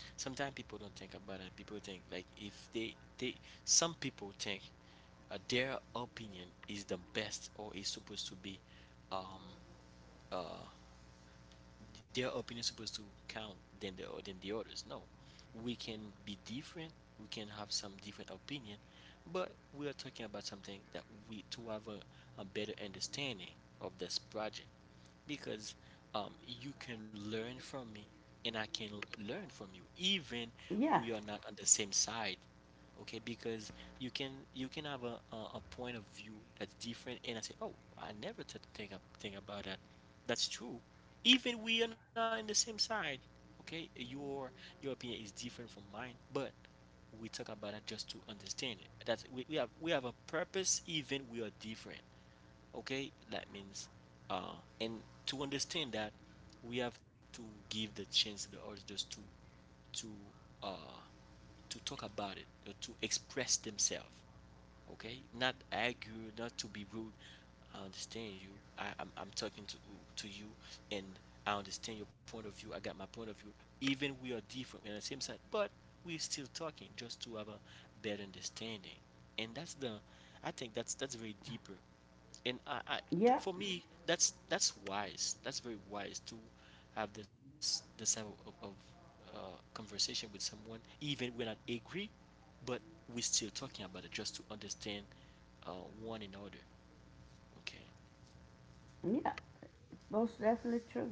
Speaker 1: Sometimes people don't think about it. People think like if they some people think their opinion is the best or is supposed to be um uh their opinion is supposed to count than the others. No, we can be different. We can have some different opinion, but we are talking about something that we to have a better understanding of this project, because you can learn from me and I can learn from you, even we
Speaker 2: yeah,
Speaker 1: are not on the same side. Okay, because you can, you can have a point of view that's different, and I say, oh, I never think about that. That's true, even we are not in the same side. Okay, your opinion is different from mine, but we talk about it just to understand it. That's, we have, we have a purpose, even we are different. Okay, that means and to understand that, we have to give the chance to the others just to to uh to talk about it or to express themselves. Okay, not argue, not to be rude. I understand you. I'm talking to you, and I understand your point of view, I got my point of view. Even we are different, we're on the same side, but we're still talking just to have a better understanding. And that's the, I think that's very deeper. And
Speaker 2: yeah,
Speaker 1: for me, that's wise, that's very wise to have this this type of uh, conversation with someone, even we're not agree, but we're still talking about it just to understand uh, one another. Okay,
Speaker 2: yeah, most definitely true.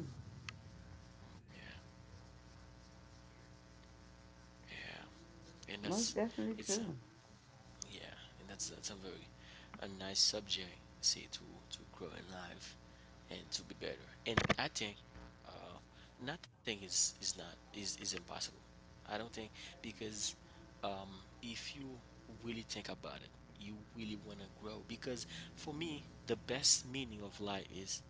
Speaker 1: yeah, yeah, and that's
Speaker 2: Most definitely
Speaker 1: it's a,
Speaker 2: true.
Speaker 1: yeah, and that's a very a nice subject. See, to grow in life and to be better. And I think uh, nothing is is not is is impossible. I don't think. Because um, if you really think about it, you really want to grow. Because for me, the best meaning of life is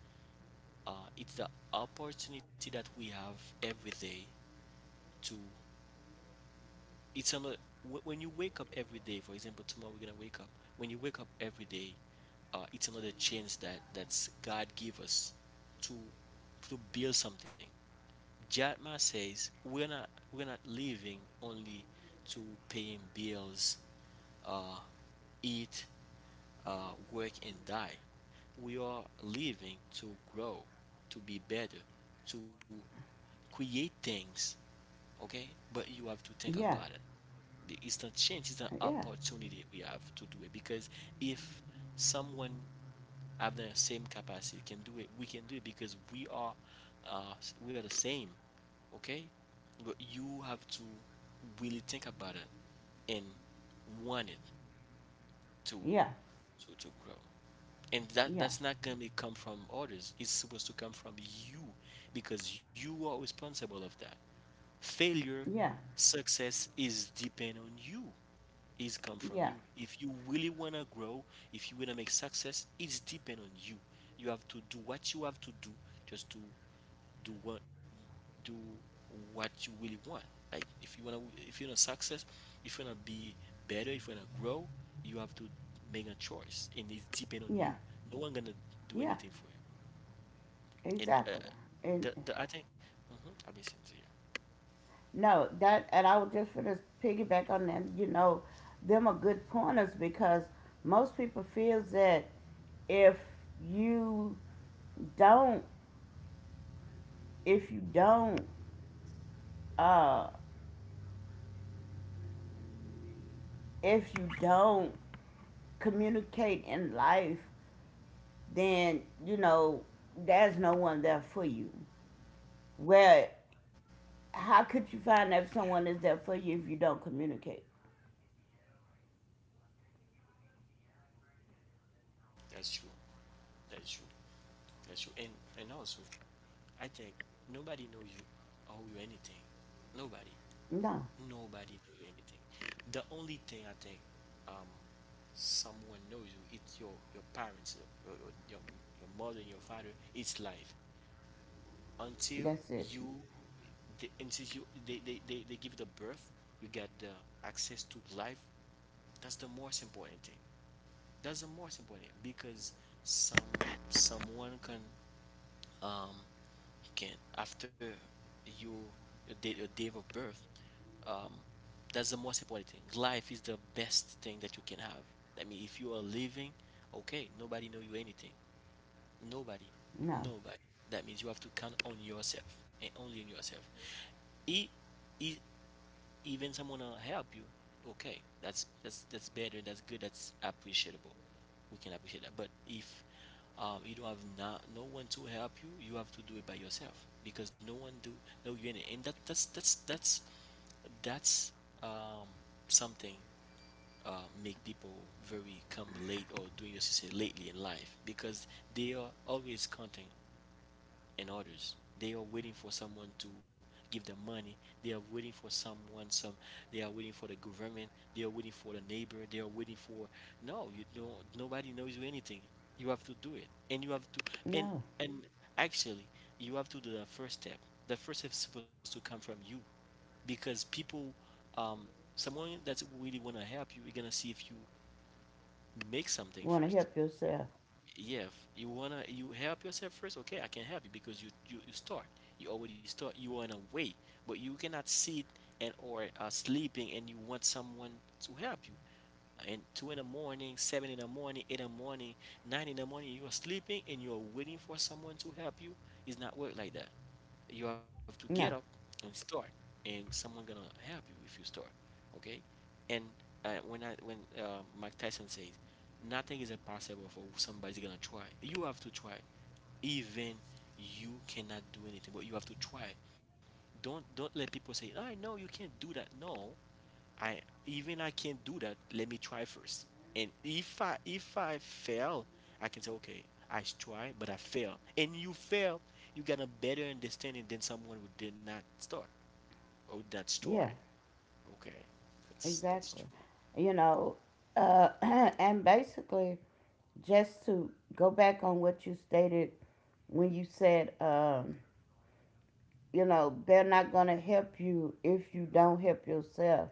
Speaker 1: it's the opportunity that we have every day to it's um, when you wake up every day, for example, tomorrow we're gonna wake up, when you wake up every day, it's another chance that that's god give us to to build something. Jatma says we're not living only to paying bills, uh, eat, work and die. We are living to grow, to be better, to create things. Okay, but you have to think
Speaker 2: Yeah,
Speaker 1: about it. It's not change, it's an
Speaker 2: yeah,
Speaker 1: opportunity we have to do it, because if someone have the same capacity can do it, we can do it because uh we are the same. Okay, but you have to really think about it and want it to
Speaker 2: yeah,
Speaker 1: to grow. And that
Speaker 2: yeah,
Speaker 1: that's not gonna be come from others, it's supposed to come from you, because you are responsible of that failure.
Speaker 2: yeah,
Speaker 1: Success is depend on you, is come from
Speaker 2: yeah,
Speaker 1: you. If you really want to grow, if you want to make success, it's depend on you. You have to do what you have to do, just to do do what you really want. Like if you want to, success, if you want to be better, if you want to grow, you have to make a choice, and it's depend on you.
Speaker 2: yeah,
Speaker 1: No one going to do
Speaker 2: yeah.
Speaker 1: anything for you. And
Speaker 2: Exactly. And
Speaker 1: the I think, mhm, I've been saying to you.
Speaker 2: no, that and I was just gonna piggyback on them, them are good pointers because most people feels that if you don't if you don't uh if you don't communicate in life, then there's no one there for you. Where how
Speaker 1: Yeah,
Speaker 2: could you find out if someone is there for you if you don't communicate?
Speaker 1: that's true. That's true. That's you. And also, I think nobody knows you owe you anything. Nobody.
Speaker 2: No.
Speaker 1: Nobody knows you anything. The only thing I think, um someone knows you, it's your parents, your mother and your father. It's life. Until
Speaker 2: That's it.
Speaker 1: you they, and you they give the birth, you get the access to life. That's the most important thing. That's the most important because some someone can, um you can after you, your date of birth, um that's the most important thing. Life is the best thing that you can have. I mean if you are living, okay, nobody know you anything. Nobody.
Speaker 2: No.
Speaker 1: Nobody. That means you have to count on yourself, and only on yourself. It, it even someone help you, okay, that's better, that's good, that's appreciable. We can appreciate that. But if, you don't have not, no one to help you, you have to do it by yourself, because no one do no you in it. And that that's um, something uh, make people very come late or doing this, you say lately in life, because they are always counting and others. They are waiting for someone to give them money. They are waiting for someone. Some They are waiting for the government. They are waiting for the neighbor. They are waiting for. No. You don't. Nobody knows you anything. You have to do it, and you have to. And
Speaker 2: No.
Speaker 1: and actually, you have to do the first step. The first step is supposed to come from you, because people, um, someone that really want to help you, you're gonna see if you make something
Speaker 2: Wanna
Speaker 1: first.
Speaker 2: help yourself.
Speaker 1: Yeah, if you wanna, you help yourself first, okay, I can help you because you start. You already start, you are in a way, but you cannot sit and or sleeping and you want someone to help you. And two in the morning, seven in the morning, eight in the morning, nine in the morning, you are sleeping and you are waiting for someone to help you. It's not work like that. You have to get up
Speaker 2: No.
Speaker 1: and start, and someone gonna help you if you start. Okay. And when I when mike tyson says nothing is impossible for somebody's gonna try. You have to try. Even you cannot do anything, but you have to try. Don't let people say, I know you can't do that. No, I, even I can't do that. Let me try first. And if I fail, I can say okay, I try, but I fail. And you fail, you got a better understanding than someone who did not start or that
Speaker 2: Yeah,
Speaker 1: try. Okay, that's
Speaker 2: exactly.
Speaker 1: true.
Speaker 2: You know, and basically, just to go back on what you stated when you said, they're not going to help you if you don't help yourself.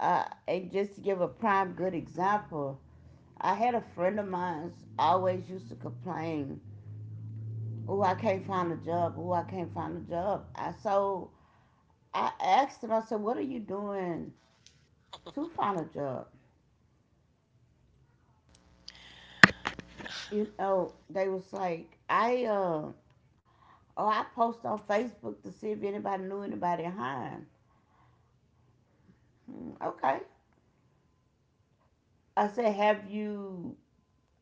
Speaker 2: And just to give a prime good example, I had a friend of mine always used to complain, "Oh, I can't find a job. Oh, I can't find a job." I so I asked him. I said, "What are you doing to find a job?" They was like, I oh, I post on Facebook to see if anybody knew anybody in Hines. Hmm, okay. I said,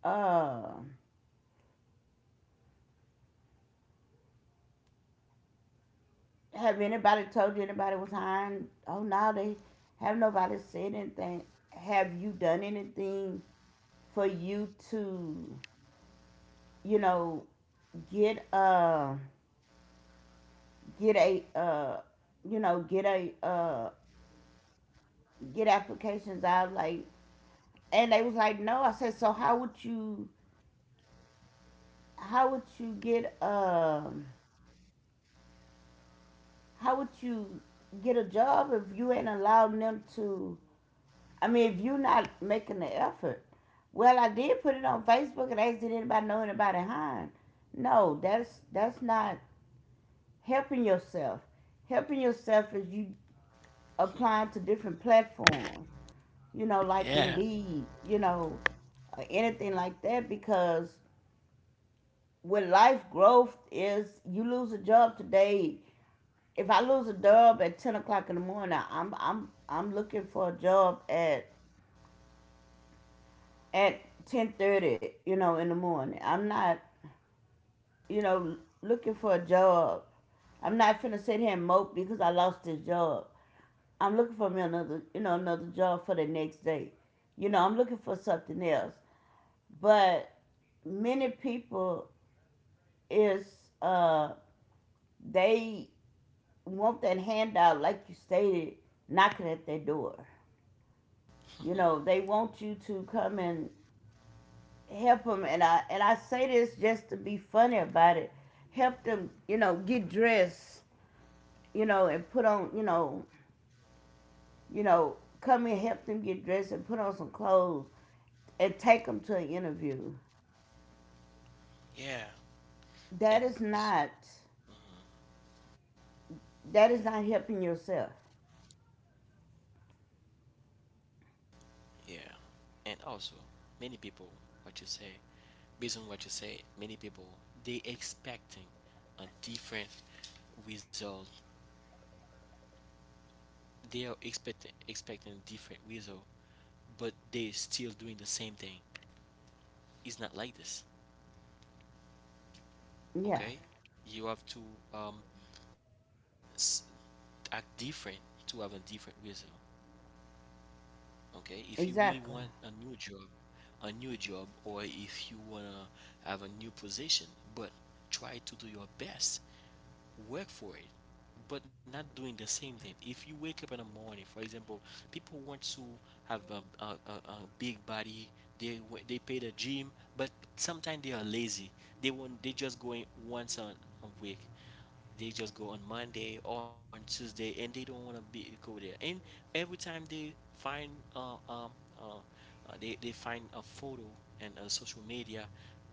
Speaker 2: uh, have anybody told you anybody was hiring? Oh no, they have nobody said anything. Have you done anything for you to, you know, get uh get a you know get a uh get applications out like and they was like no. I said so how would you get um how would you get a job if you ain't allowing them to. I mean if you're not making the effort. Well I did put it on Facebook and asked did anybody know anybody hiring. No, that's not helping yourself. Helping yourself is you applying to different platforms, like
Speaker 1: Yeah.
Speaker 2: Indeed, or anything like that because with life growth is you lose a job today if I lose a job at 10 o'clock in the morning, I'm looking for a job at 10:30, in the morning. I'm not, looking for a job. I'm not finna sit here and mope because I lost this job. I'm looking for me another, another job for the next day. I'm looking for something else. But many people is they want that handout like you stated knocking at their door. They want you to come and help them. And I say this just to be funny about it. Help them, get dressed, and put on, come and help them get dressed and put on some clothes and take them to an interview.
Speaker 1: Yeah,
Speaker 2: That
Speaker 1: and
Speaker 2: is
Speaker 1: It's-
Speaker 2: not that
Speaker 1: yeah,
Speaker 2: is not helping yourself.
Speaker 1: yeah, and also many people, what you say, based on what you say, many people, they expecting a different result. They are expecting a different result, but they're still doing the same thing. It's not like this,
Speaker 2: Yeah,
Speaker 1: okay? You have to um s- act different to have a different result, okay? If you really want a
Speaker 2: exactly.
Speaker 1: new job, or if you wanna have a new position, but try to do your best. Work for it. But not doing the same thing. If you wake up in the morning, for example, people want to have a big body. They pay the gym, but sometimes they are lazy. They just going once a week. They just go on Monday or on Tuesday, and they don't want to be go there. And every time they find uh, um, uh, they find a photo and a social media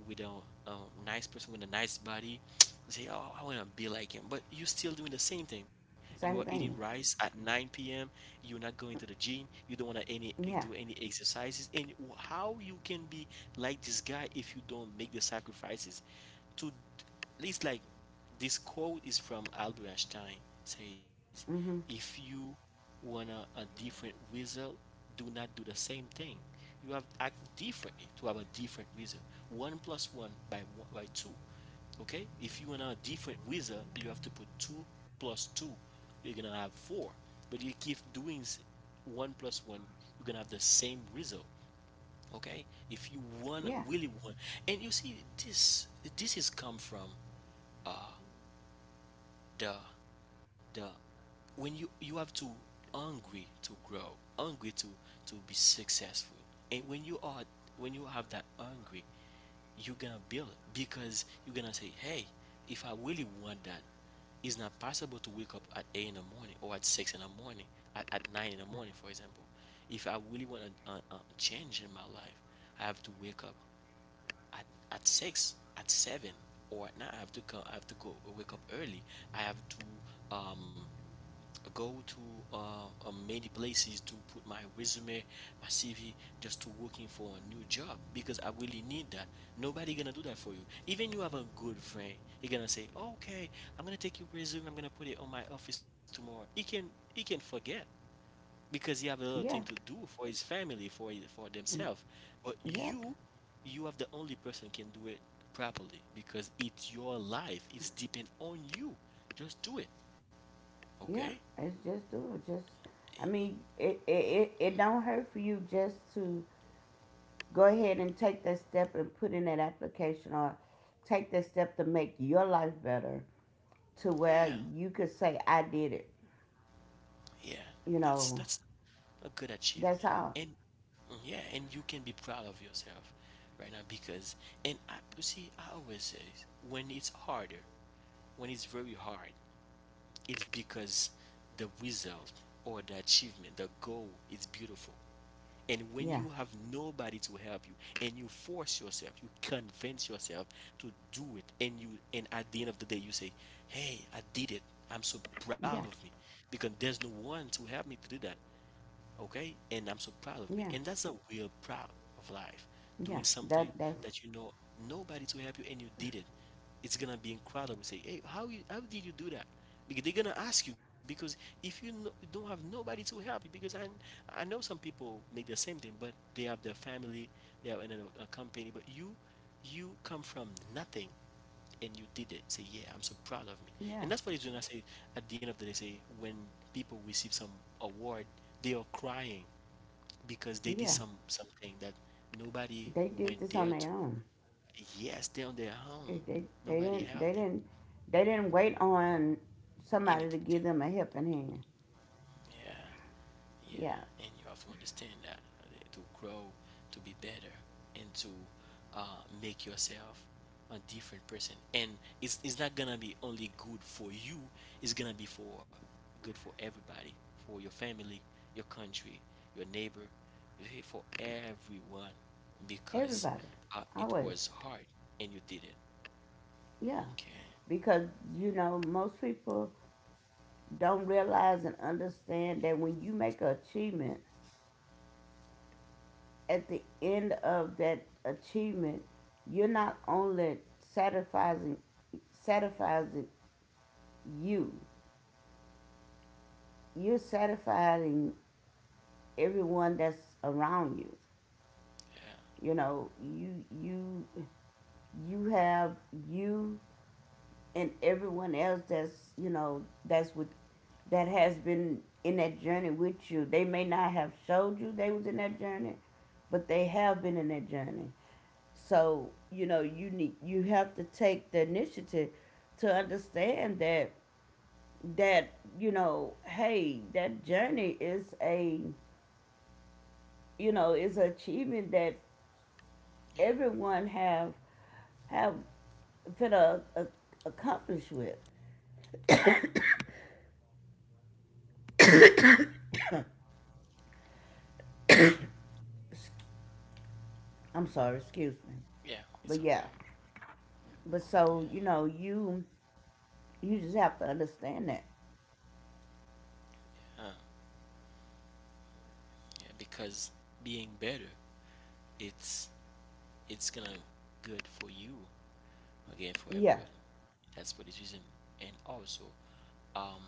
Speaker 1: with a nice person with a nice body, say, "Oh, I want to be like him." But you're still doing the same thing. You are
Speaker 2: Same
Speaker 1: eating
Speaker 2: thing.
Speaker 1: rice at 9 p.m. You're not going to the gym. You don't want to any
Speaker 2: Yeah.
Speaker 1: do any exercises. And how you can be like this guy if you don't make the sacrifices to? It's like, this quote is from Albert Einstein. Says, if
Speaker 2: Mhm.
Speaker 1: you want a different result, do not do the same thing. You have to act differently to have a different result. One plus one by one, by two. Okay. If you want a different result, you have to put two plus two. You're gonna have four. But you keep doing one plus one, you're gonna have the same result, okay? If you want
Speaker 2: Yeah.
Speaker 1: really want, and you see this, this is come from uh the the when you have to hungry to grow, hungry to be successful. And when you are, when you have that hungry, you're gonna build it, because you're gonna say, hey, if I really want that, it's not possible to wake up at 8 in the morning or at 6 in the morning, at 9 in the morning for example. If I really want a change in my life, I have to wake up at, at 6, at 7, or at night I have to come, I have to go, wake up early. I have to go to many places to put my resume, my CV, just to working for a new job because I really need that. Nobody gonna do that for you. Even you have a good friend, he gonna say, "Okay, I'm gonna take your resume. I'm gonna put it on my office tomorrow." He can forget because he have a little thing to
Speaker 2: Yeah.
Speaker 1: do for his family, for his, for
Speaker 2: Mm.
Speaker 1: themselves. But
Speaker 2: Yep.
Speaker 1: you, you are the only person can do it properly because it's your life. It's depend on you. Just do it,
Speaker 2: Yeah,
Speaker 1: okay?
Speaker 2: it's just do it. Just, I mean, it don't hurt for you just to go ahead and take that step and put in that application or take that step to make your life better to where
Speaker 1: Yeah.
Speaker 2: you could say, I did it.
Speaker 1: Yeah,
Speaker 2: You
Speaker 1: that's
Speaker 2: know,
Speaker 1: that's a good
Speaker 2: that's
Speaker 1: achievement,
Speaker 2: all.
Speaker 1: and yeah, and you can be proud of yourself right now because, and I, you see, I always say when it's harder, when it's very hard, it's because the result or the achievement, the goal is beautiful. And when
Speaker 2: Yeah,
Speaker 1: you have nobody to help you, and you force yourself, you convince yourself to do it, and you, and at the end of the day, you say, "Hey, I did it. I'm so
Speaker 2: yeah,
Speaker 1: proud of me," because there's no one to help me to do that. Okay, and I'm so proud of me,
Speaker 2: yeah,
Speaker 1: and that's a real proud of life.
Speaker 2: yeah.
Speaker 1: Doing something that you know nobody to help you and you did it, it's gonna be incredible. Say, hey, how you, how did you do that? Because they're gonna ask you, because if you, no, you don't have nobody to help you, because I know some people make the same thing but they have their family, they are in a company, but you come from nothing, and you did it. Say, yeah, I'm so proud of me.
Speaker 2: Yeah,
Speaker 1: And that's what it's doing. I say, at the end of the day, say when people receive some award, they are crying because they did
Speaker 2: yeah.
Speaker 1: some something that nobody
Speaker 2: They did
Speaker 1: went
Speaker 2: this on
Speaker 1: there
Speaker 2: their
Speaker 1: to.
Speaker 2: own.
Speaker 1: Yes, they're on their
Speaker 2: They,
Speaker 1: own.
Speaker 2: they, they
Speaker 1: Nobody
Speaker 2: didn't, they
Speaker 1: helped them.
Speaker 2: didn't, they didn't wait on somebody to
Speaker 1: Anything.
Speaker 2: give them a helping hand.
Speaker 1: Yeah. Yeah,
Speaker 2: Yeah,
Speaker 1: and you have to understand that, to grow, to be better, and to make yourself a different person. And it's not gonna be only good for you. It's gonna be for good for everybody, for your family, your country, your neighbor, you see, for everyone, because
Speaker 2: Everybody,
Speaker 1: it
Speaker 2: always,
Speaker 1: was hard and you did it.
Speaker 2: yeah,
Speaker 1: Okay.
Speaker 2: because most people don't realize and understand that when you make an achievement, at the end of that achievement, you're not only satisfying you, you're satisfying everyone that's around you.
Speaker 1: Yeah.
Speaker 2: You you you have you and everyone else that's that's with that has been in that journey with you they may not have showed you they was in that journey but they have been in that journey so you have to take the initiative to understand that hey that journey is a you know is an achievement that
Speaker 1: Yeah.
Speaker 2: everyone have been accomplished with I'm sorry, excuse me.
Speaker 1: Yeah. It's
Speaker 2: But
Speaker 1: okay.
Speaker 2: yeah. But so,
Speaker 1: Yeah.
Speaker 2: you just have to understand that.
Speaker 1: Uh, yeah. Because being better, it's it's gonna good for you, again for
Speaker 2: Yeah.
Speaker 1: everyone. That's for this reason. And also, um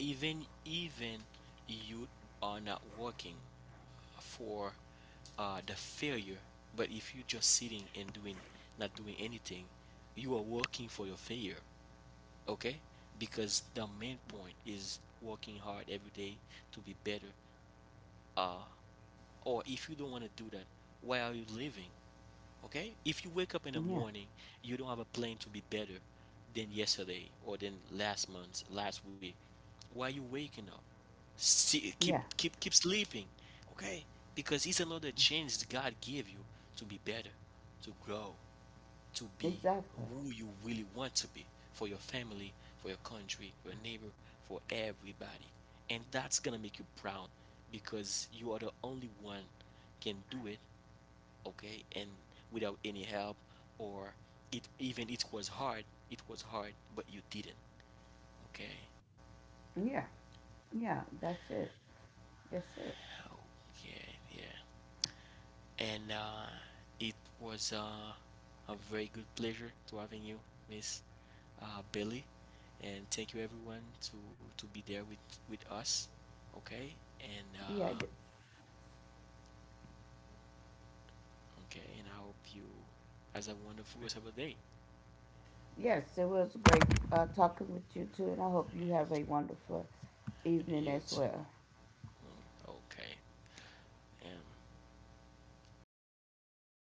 Speaker 1: even, you are not working for the failure, but if you just sitting and doing, not doing anything, you are working for your failure, okay? Because the main point is working hard every day to be better. uh or if you don't want to do that, why are you living? Okay? If you wake up in the
Speaker 2: Yeah.
Speaker 1: morning, you don't have a plan to be better than yesterday or than last month, last week. Why you waking up? See, keep
Speaker 2: Yeah.
Speaker 1: keep keep sleeping. Okay? Because it's another chance that God gave you to be better, to grow, to be
Speaker 2: Exactly.
Speaker 1: who you really want to be for your family, for your country, for your neighbor, for everybody. And that's gonna make you proud because you are the only one can do it, okay? And without any help, or it, even it was hard, it was hard but you didn't. Okay.
Speaker 2: Yeah. Yeah. That's it. That's it.
Speaker 1: Okay. Yeah. And it was a very good pleasure to having you, miss billy. And thank you everyone to be there with us. Okay. And
Speaker 2: Yeah.
Speaker 1: okay, and I hope you has a wonderful rest of the day.
Speaker 2: Yes, it was great talking with you too, and I hope you have a
Speaker 1: If
Speaker 2: wonderful evening
Speaker 1: you
Speaker 2: as
Speaker 1: too.
Speaker 2: well.
Speaker 1: Okay and